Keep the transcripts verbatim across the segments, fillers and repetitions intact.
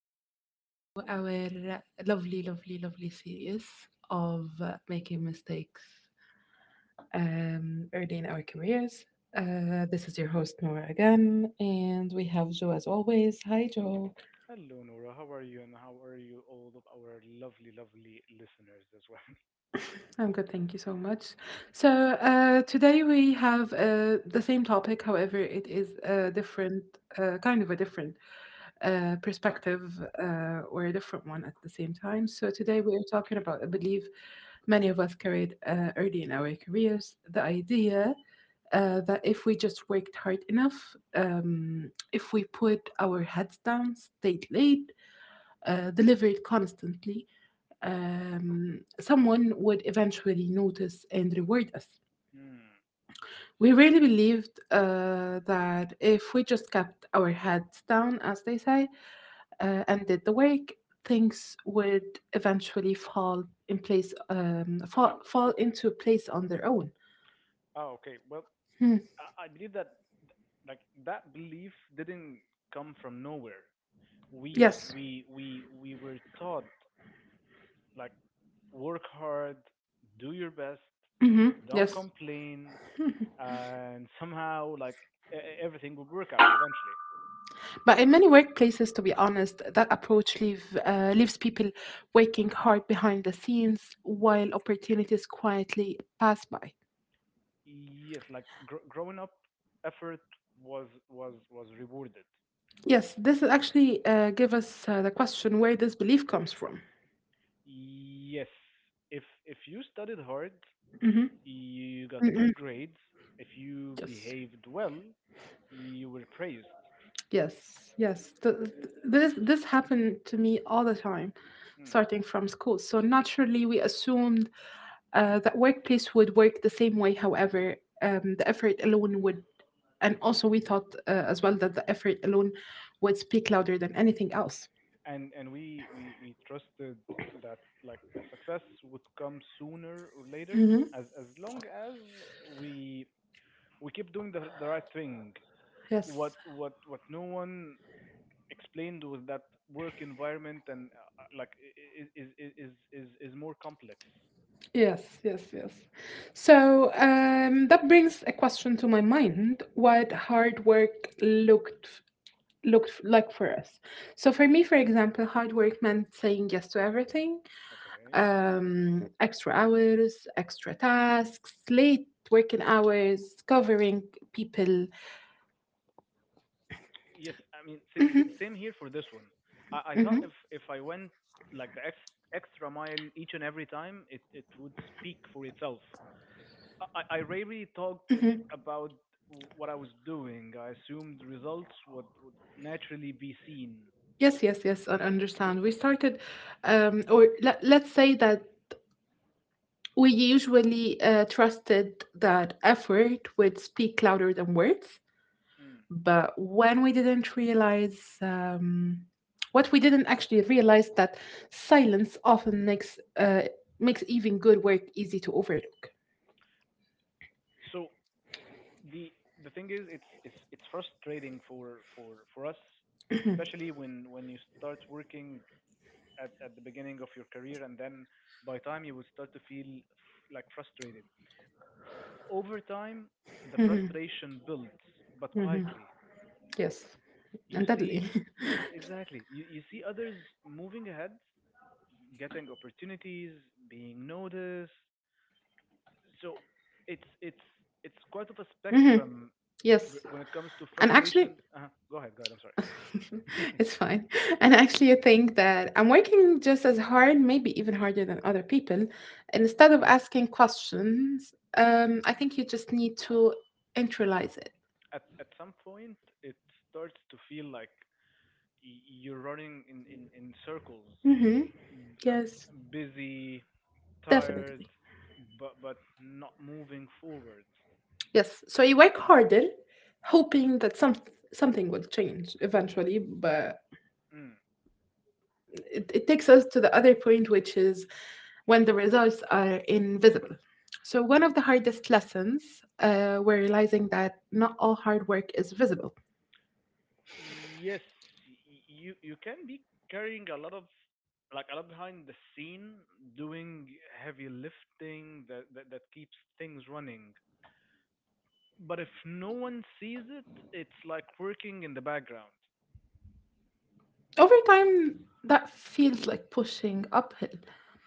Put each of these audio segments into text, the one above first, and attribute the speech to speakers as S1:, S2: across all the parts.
S1: welcome back to our lovely, lovely, lovely series of uh, making mistakes um, early in our careers. Uh, this is your host, Nora, again, and we have Joe as always. Hi, Joe.
S2: Hello, Nora. How are you, and how are you, all of our lovely, lovely listeners as well?
S1: I'm good, thank you so much. So, uh, today we have uh, the same topic. However, it is a different, uh, kind of a different uh, perspective, uh, or a different one at the same time. So, today
S2: hmm
S1: we are talking about a belief many of us carried uh, early in our careers, the idea uh, that if we just worked hard enough, um, if we put our heads down, stayed late, uh, delivered constantly, um, someone would eventually notice and reward us.
S2: Mm.
S1: We really believed uh, that if we just kept our heads down, as they say, uh, and did the work, things would eventually fall in place, um, fall, fall into place on their own.
S2: Oh, okay. Well,
S1: Hmm.
S2: I, I believe that like that belief didn't come from nowhere. We
S1: Yes.
S2: we we we were taught, like, work hard, do your best,
S1: Hmm.
S2: don't
S1: Yes.
S2: complain, and somehow, like, e- e- everything would work out eventually.
S1: But in many workplaces, to be honest, that approach leave, uh, leaves people working hard behind the scenes while opportunities quietly pass by.
S2: Yes, like, gr- growing up, effort was was was rewarded.
S1: Yes, this is actually uh, give us uh, the question where this belief comes from.
S2: Yes. If if you studied hard,
S1: Hmm.
S2: you got good
S1: Mm-mm.
S2: grades. If you
S1: Yes,
S2: behaved well, you were praised.
S1: yes, yes. Th- th- this this happened to me all the time,
S2: Hmm.
S1: starting from school. So naturally, we assumed uh, that workplace would work the same way. However, um, the effort alone would, and also we thought uh, as well that the effort alone would speak louder than anything else.
S2: And and we, we we trusted that, like, success would come sooner or later,
S1: Hmm.
S2: as as long as we we keep doing the the right thing. What
S1: Yes.
S2: what what no one explained was that work environment and uh, uh, like I- I- is is is is is more complex.
S1: Yes, yes, yes. So, um, that brings a question to my mind: what hard work looked looked like for us? So for me, for example, hard work meant saying yes to everything,
S2: Okay.
S1: um, extra hours, extra tasks, late working hours, covering people.
S2: Yes, I mean, sa- sa- same here for this one. I, I thought if
S1: Hmm.
S2: if I went, like, the ex- extra mile each and every time, it it would speak for itself. I I I rarely talked
S1: Hmm.
S2: about what I was doing. I assumed results would would naturally be seen.
S1: Yes, yes, yes. I understand. We started, um, or let, let's say that We usually uh, trusted that effort would speak louder than words,
S2: Mm.
S1: but when we didn't realize um, what we didn't actually realize that silence often makes uh, makes even good work easy to overlook.
S2: So the the thing is, it's it's it's frustrating for for for us, especially when when you start working at at the beginning of your career, and then by time you will start to feel f- like frustrated. Over time, the frustration builds, but
S1: Mhm.
S2: quietly.
S1: Yes,
S2: You
S1: and
S2: see,
S1: deadly.
S2: exactly, you, you see others moving ahead, getting opportunities, being noticed. So it's it's it's quite of a
S1: Mhm.
S2: spectrum b-
S1: Yes,
S2: when it comes to
S1: and actually,
S2: frustration. Uh, go ahead, go ahead. I'm sorry.
S1: it's fine. And actually, I think that I'm working just as hard, maybe even harder than other people. And instead of
S2: Mm.
S1: asking questions, um, I think you just need to internalize it.
S2: at at some point, it starts to feel like y- you're running in in in circles,
S1: Hmm.
S2: like,
S1: Yes,
S2: busy, tired,
S1: definitely.
S2: but but not moving forward.
S1: Yes. So you work harder, hoping that some something will change eventually, but
S2: Mm.
S1: it, it takes us to the other point, which is when the results are invisible. So, one of the hardest lessons uh, were realizing that not all hard work is visible.
S2: Yes, y- you you can be carrying a lot of, like, a lot behind the scene, doing heavy lifting that that, that keeps things running. But if no one sees it, it's like working in the background.
S1: Over time, that feels like pushing uphill.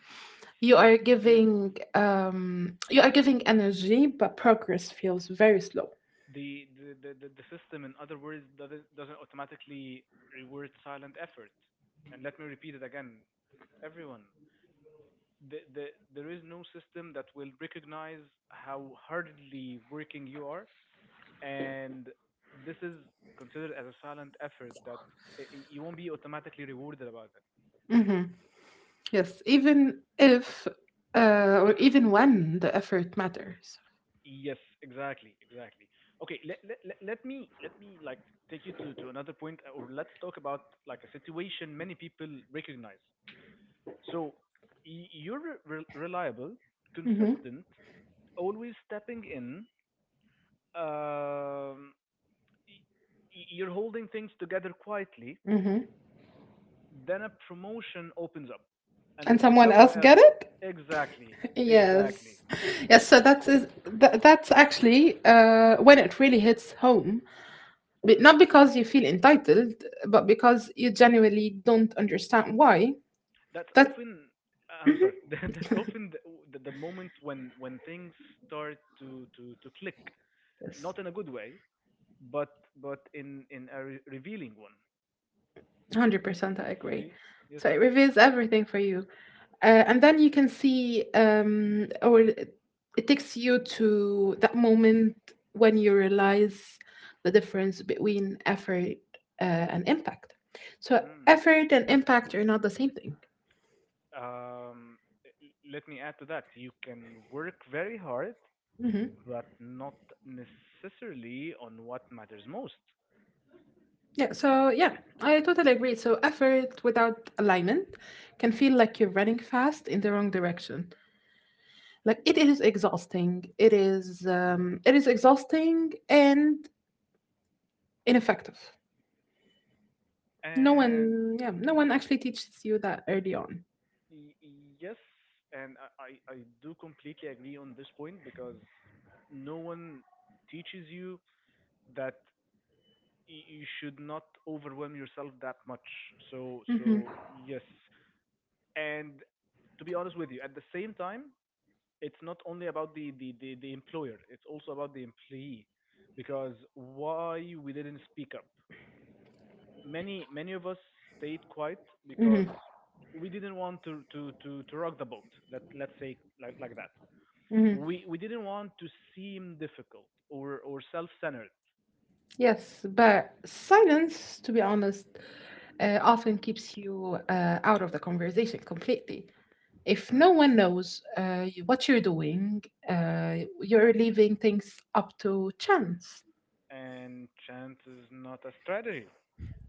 S2: Yes,
S1: You
S2: yes.
S1: are
S2: yes.
S1: giving um, you are giving energy, but progress feels very slow.
S2: The the, the, the the system, in other words, doesn't doesn't automatically reward silent effort. And let me repeat it again, everyone. the, the, there is no system that will recognize how hardly working you are, and this is considered as a silent effort that i- i- you won't be automatically rewarded about it.
S1: Hmm. Yes, even if uh, or even when the effort matters.
S2: Yes, exactly, exactly. Okay, let, let, let let me let me, like, take you to, to another point, uh, or let's talk about, like, a situation many people recognize. So, y- you're re- reliable,
S1: Hmm.
S2: consistent, always stepping in, um y- you're holding things together quietly,
S1: Hmm.
S2: then a promotion opens up, and
S1: And
S2: and
S1: someone
S2: someone
S1: else
S2: else.
S1: get it.
S2: Exactly, exactly
S1: Yes.
S2: that.
S1: Yes, so that's is tha that's actually, uh, when it really hits home, b
S2: Mm,
S1: not because you feel entitled, but because you genuinely don't understand why.
S2: that's
S1: That,
S2: often, I'm
S1: mhm,
S2: sorry that's often the, the, the moment when when things start to to to click,
S1: yes,
S2: not in a good way, but but in in a re- revealing one.
S1: one hundred percent I agree.
S2: See, yes,
S1: So it
S2: yes.
S1: reveals everything for you. Uh, and then you can see, um, or it it takes you to that moment when you realize the difference between effort, uh, and impact. So
S2: Mm.
S1: effort and impact are not the same thing.
S2: Um, let me add to that. You can work very hard,
S1: Hmm.
S2: but not necessarily on what matters most.
S1: Yeah, so yeah, I totally agree. So effort without alignment can feel like you're running fast in the wrong direction. Like, it is exhausting. It is, um, it is exhausting and ineffective. No
S2: And
S1: one, yeah, no one actually teaches you that early on.
S2: y- yes, and I, I, I do completely agree on this point because no one teaches you that y- you should not overwhelm yourself that much. So,
S1: Hmm.
S2: so yes, and to be honest with you, at the same time, it's not only about the, the, the, the employer, it's also about the employee. Because why we didn't speak up? Many many of us stayed quiet
S1: Hmm.
S2: because we didn't want to, to, to, to rock the boat. Let let's say, like like that.
S1: Hmm.
S2: We we didn't want to seem difficult or or self centered.
S1: Yes, but silence, to be honest, uh, often keeps you uh, out of the conversation completely. If no
S2: Mm.
S1: one knows uh, you- what you're doing, uh, you're leaving things up to chance.
S2: And chance is not a strategy.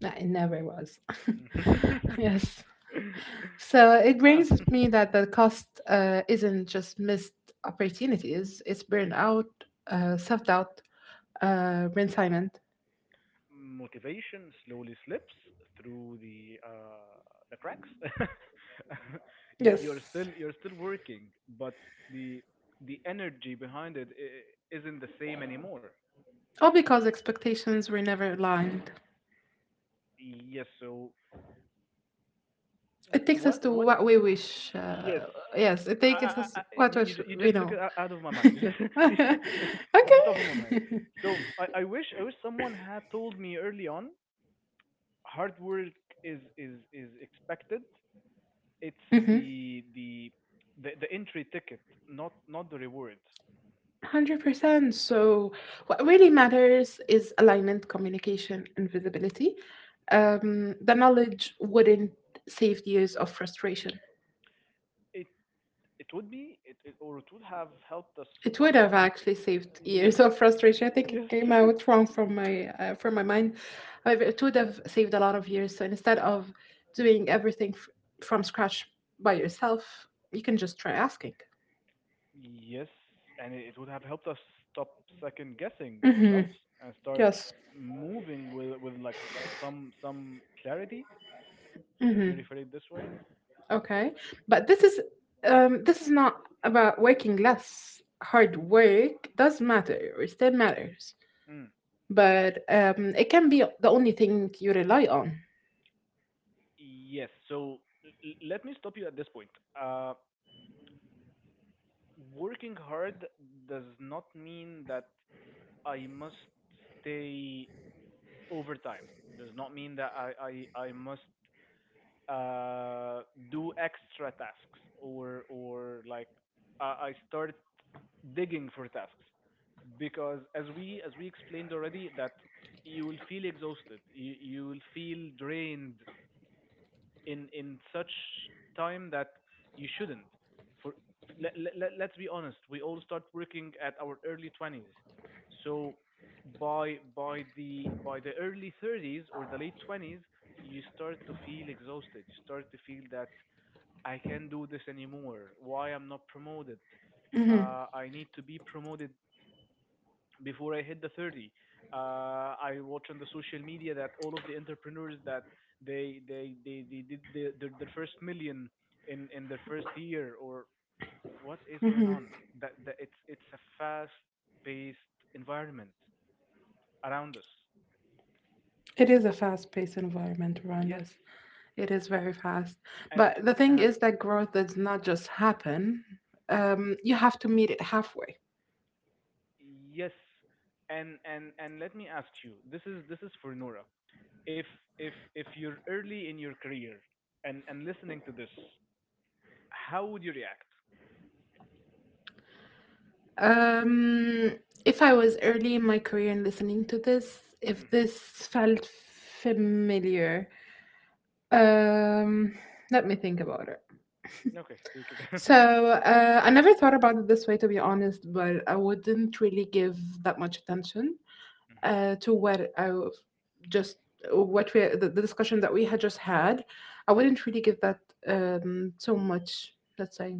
S1: Nah, it never was. Yes. So it
S2: Ah.
S1: brings me that the cost uh, isn't just missed opportunities, it's burnout, uh, self doubt, uh, retirement.
S2: Motivation slowly slips through the uh, the cracks. You, you're
S1: Yes.
S2: still you're still working, but the the energy behind it i- isn't the same anymore.
S1: All because expectations were never aligned.
S2: Yes. So
S1: It takes us
S2: what,
S1: to
S2: what?
S1: what we wish.
S2: Yes.
S1: Uh, yes, it
S2: I, I,
S1: takes us
S2: I, I-
S1: what
S2: you
S1: we,
S2: you ju- you
S1: we
S2: just took
S1: know.
S2: it o- out of my mind. You just at the top of my mind.
S1: Okay.
S2: So, I, I wish, I wish someone had told me early on hard work is is is expected. It's
S1: Mhm.
S2: the the the, the entry ticket, not not the reward.
S1: one hundred percent. So, what really matters is alignment, communication, and visibility. Um, the knowledge wouldn't save years of frustration.
S2: It it would be, it, it, or it would have helped us
S1: It
S2: stop.
S1: would have actually
S2: Uh,
S1: saved
S2: yes,
S1: years of frustration. I think it
S2: yes,
S1: came out wrong from my uh, from my mind. However, it would have saved a lot of years. So instead of doing everything f- from scratch by yourself, you can just try asking.
S2: yes, and it would have helped us stop second guessing
S1: Hmm.
S2: ourselves and start
S1: Yes.
S2: moving with, with like, some some clarity. Let me
S1: Hmm.
S2: refer it this way.
S1: Okay, but this is, um, this is not about working less. Hard work does matter, it still matters,
S2: Mm.
S1: but um, it can be the only thing you rely on.
S2: Yes. So, l- l- let me stop you at this point. Uh, working hard does not mean that I must stay overtime. Does not mean that I I, I must, uh, do extra tasks or or like, I I start digging for tasks, because as we, as we explained already, that you will feel exhausted, you, you will feel drained in in such time that you shouldn't. For, let, let, let's be honest, we all start working at our early twenties. So by, by the by the early thirties or the late twenties, you start to feel exhausted. You start to feel that I can't do this anymore. Why I'm not promoted?
S1: Hmm.
S2: Uh, I need to be promoted before I hit the thirty. Uh, I watch on the social media that all of the entrepreneurs that they they they, they did the, the, the first million in, in their first year. Or what is going
S1: Hmm.
S2: on? That, that it's, it's a fast paced environment around us.
S1: It is a fast-paced environment around
S2: Yes,
S1: us. It is very fast,
S2: and
S1: but the
S2: and
S1: thing
S2: uh,
S1: is that growth does not just happen. Um, you have to meet it halfway.
S2: yes, and and and let me ask you. This is, this is for Nora. If, if if you're early in your career and and listening to this, how would you react?
S1: Um, if I was early in my career and listening to this, if
S2: Mhm.
S1: this felt familiar, Um, let me think about it.
S2: Okay, take it.
S1: So, uh, I never thought about it this way, to be honest, but I wouldn't really give that much attention
S2: Mm-hmm.
S1: uh, to what I w- just what we, the, the discussion that we had just had. I wouldn't really give that um, so much, let's say,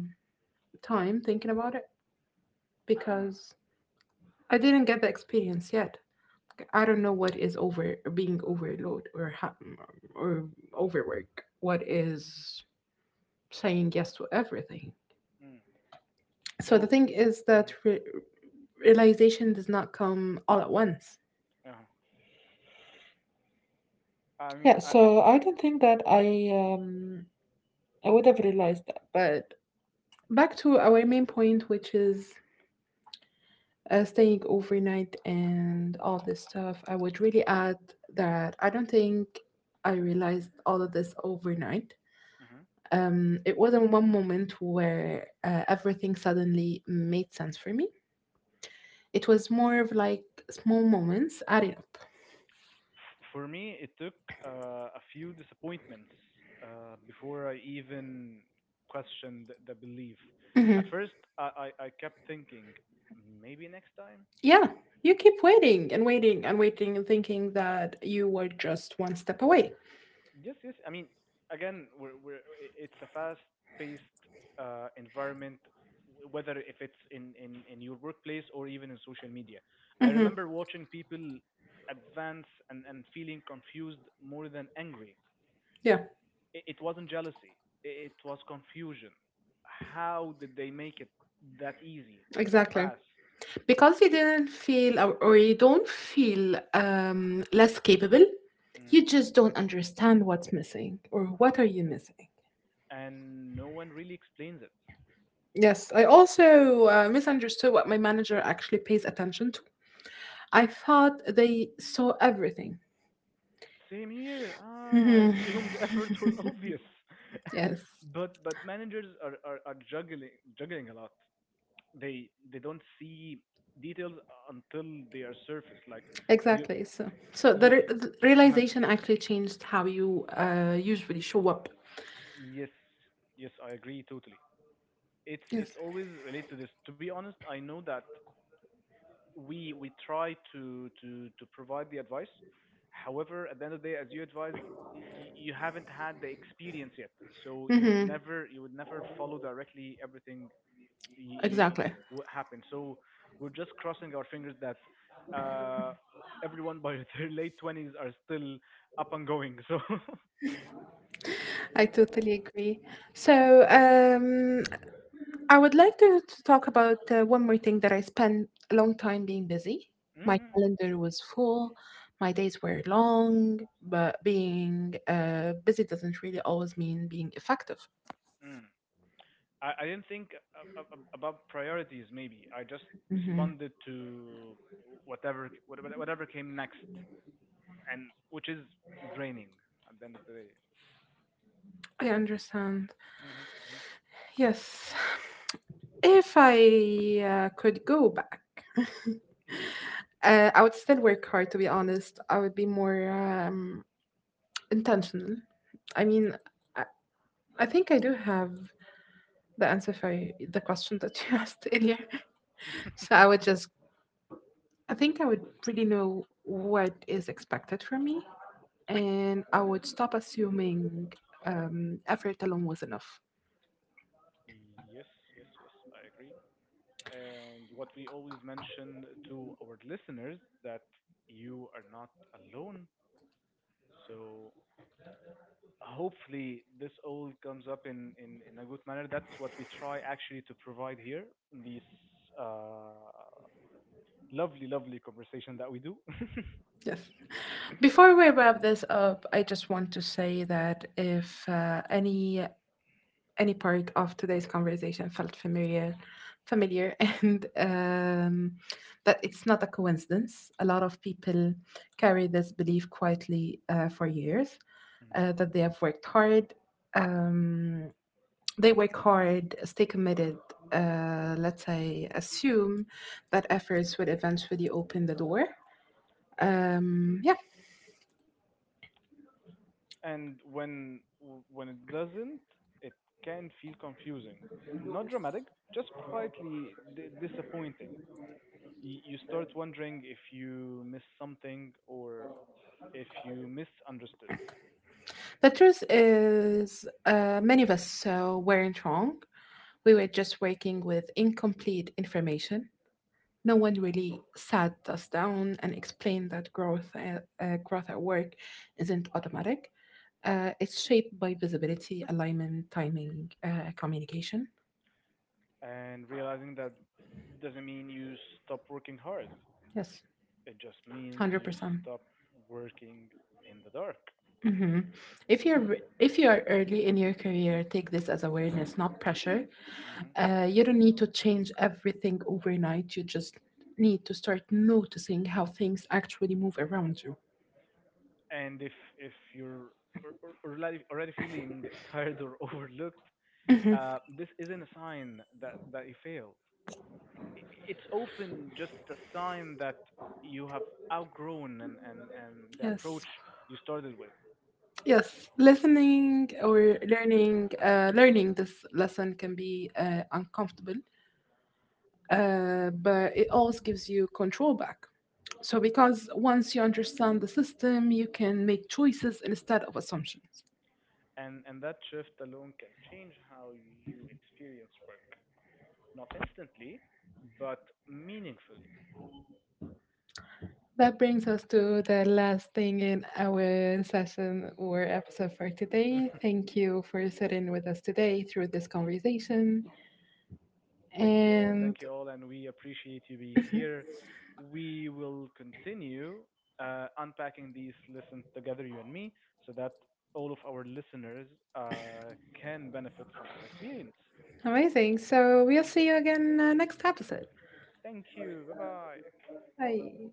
S1: time thinking about it
S2: Mm,
S1: because I didn't get the experience yet. I don't know what is over being overload or ha- or overwork. What is saying yes to everything?
S2: mm.
S1: So the
S2: So,
S1: thing is that
S2: hmm
S1: re- realization does not come all at once.
S2: uh I
S1: Yeah,
S2: mean, I,
S1: so I don't think that I um I would have realized that. But back to our main point, which is uh, staying overnight and all this stuff, I would really add that I don't think I realized all of this overnight.
S2: mhm.
S1: Um, it wasn't one moment where uh, everything suddenly made sense for me. It was more of like small moments adding up.
S2: F- for me, it took uh, a few disappointments uh, before I even questioned the belief. At
S1: Mhm.
S2: first, I, I, I kept thinking, maybe next time.
S1: Yeah, you keep waiting and waiting and waiting and thinking that you were just one step away.
S2: Yes, yes. I mean, again, we're we're i- it's a fast-paced, uh, environment, w- whether if it's in in in your workplace or even in social media. I
S1: Hmm.
S2: remember watching people advance and and feeling confused more than angry.
S1: Yeah,
S2: It, it wasn't jealousy. i- It was confusion. How did they make it that easy or that
S1: exactly.
S2: fast?
S1: Because you didn't feel, or, or you don't feel um, less capable,
S2: Hmm.
S1: you just don't understand what's missing or what are you missing.
S2: And no one really explains it.
S1: Yes, I also uh, misunderstood what my manager actually pays attention to. I thought they saw everything.
S2: Same here. Ah, I assumed the effort was obvious.
S1: Yes.
S2: But but managers are, are, are juggling, juggling a lot. They they don't see details until they are surfaced. Like, you
S1: Exactly. So, so the,
S2: you
S1: re- the
S2: uh
S1: realization actually changed how you uh, usually show up.
S2: yes, yes, I agree totally. It's
S1: Yes.
S2: it's always related to this. To be honest, I know that we we try to, to to provide the advice. However, at the end of the day, as you advise, y- you haven't had the experience yet, so you would
S1: Mm-hmm.
S2: never, you would never follow directly everything you, you,
S1: Exactly.
S2: you- what happened. So, we're just crossing our fingers that uh, everyone by their late twenties are still up and going. So.
S1: I totally agree. So, um, I would like to, to talk about uh, one more thing: that I spent a long time being busy. My
S2: Mm,
S1: calendar was full, my days were long, but being uh, busy doesn't really always mean being effective.
S2: mm. I, I didn't think a- a- about priorities. Maybe I just
S1: Mm-hmm.
S2: responded to whatever whatever whatever came next. And which is draining at the end of the day.
S1: I understand.
S2: Mhm, mhm,
S1: Yes. If I uh, could go back,
S2: mhm.
S1: Uh, I would still work hard, to be honest. I would be more, um, intentional. I mean, I, I think I do have the answer for y- the question that you asked earlier. So I would just, I think I would really know what is expected from me, and I would stop assuming um, effort alone was enough.
S2: Yes, yes, yes, I agree. And what we always mention to our listeners that you are not alone. So, hopefully this all comes up in, in, in a good manner. That's what we try actually to provide here in this uh, lovely, lovely conversation that we do.
S1: Yes. Before we wrap this up, I just want to say that if uh, any any part of today's conversation felt familiar familiar and, um, that it's not a coincidence. A lot of people carry this belief quietly uh, for years, uh,
S2: Mhm,
S1: that they have worked hard um, they work hard, stay committed, uh, let's say assume that efforts would eventually open the door, um, yeah.
S2: and when when it doesn't, it can feel confusing, not dramatic, just quietly d- disappointing. Y- you start wondering if you missed something or if you misunderstood.
S1: The truth is, uh, many of us uh, weren't wrong. We were just working with incomplete information. No one really sat us down and explained that growth, uh, uh, growth at work isn't automatic. Uh, it's shaped by visibility, alignment, timing, uh, communication.
S2: And realizing that doesn't mean you stop working hard,
S1: Yes,
S2: it just means you
S1: one hundred percent.
S2: stop working in the dark.
S1: Mhm. If you're if you are early in your career, take this as awareness, not pressure.
S2: Hmm.
S1: Uh, you don't need to change everything overnight. You just need to start noticing how things actually move around you.
S2: And if, if you're, or, or, or already, already feeling tired or overlooked, uh, this isn't a sign that, that you failed. I- It's often just a sign that you have outgrown and, and, and the approach
S1: Yes.
S2: you started with.
S1: Yes, listening or learning, uh, learning this lesson can be uh, uncomfortable, uh, but it also gives you control back. So, because once you understand the system, you can make choices instead of assumptions.
S2: And, and that shift alone can change how you experience work, not instantly, but meaningfully.
S1: That brings us to the last thing in our session or episode for today. Thank you for sitting with us today through this conversation.
S2: Thank you all.
S1: And
S2: Thank you all. And we appreciate you being here. We will continue uh, unpacking these lessons together, you and me, so that all of our listeners uh, can benefit from our experience.
S1: amazing. So, we'll see you again uh, next episode.
S2: Thank you. Bye bye.
S1: Bye.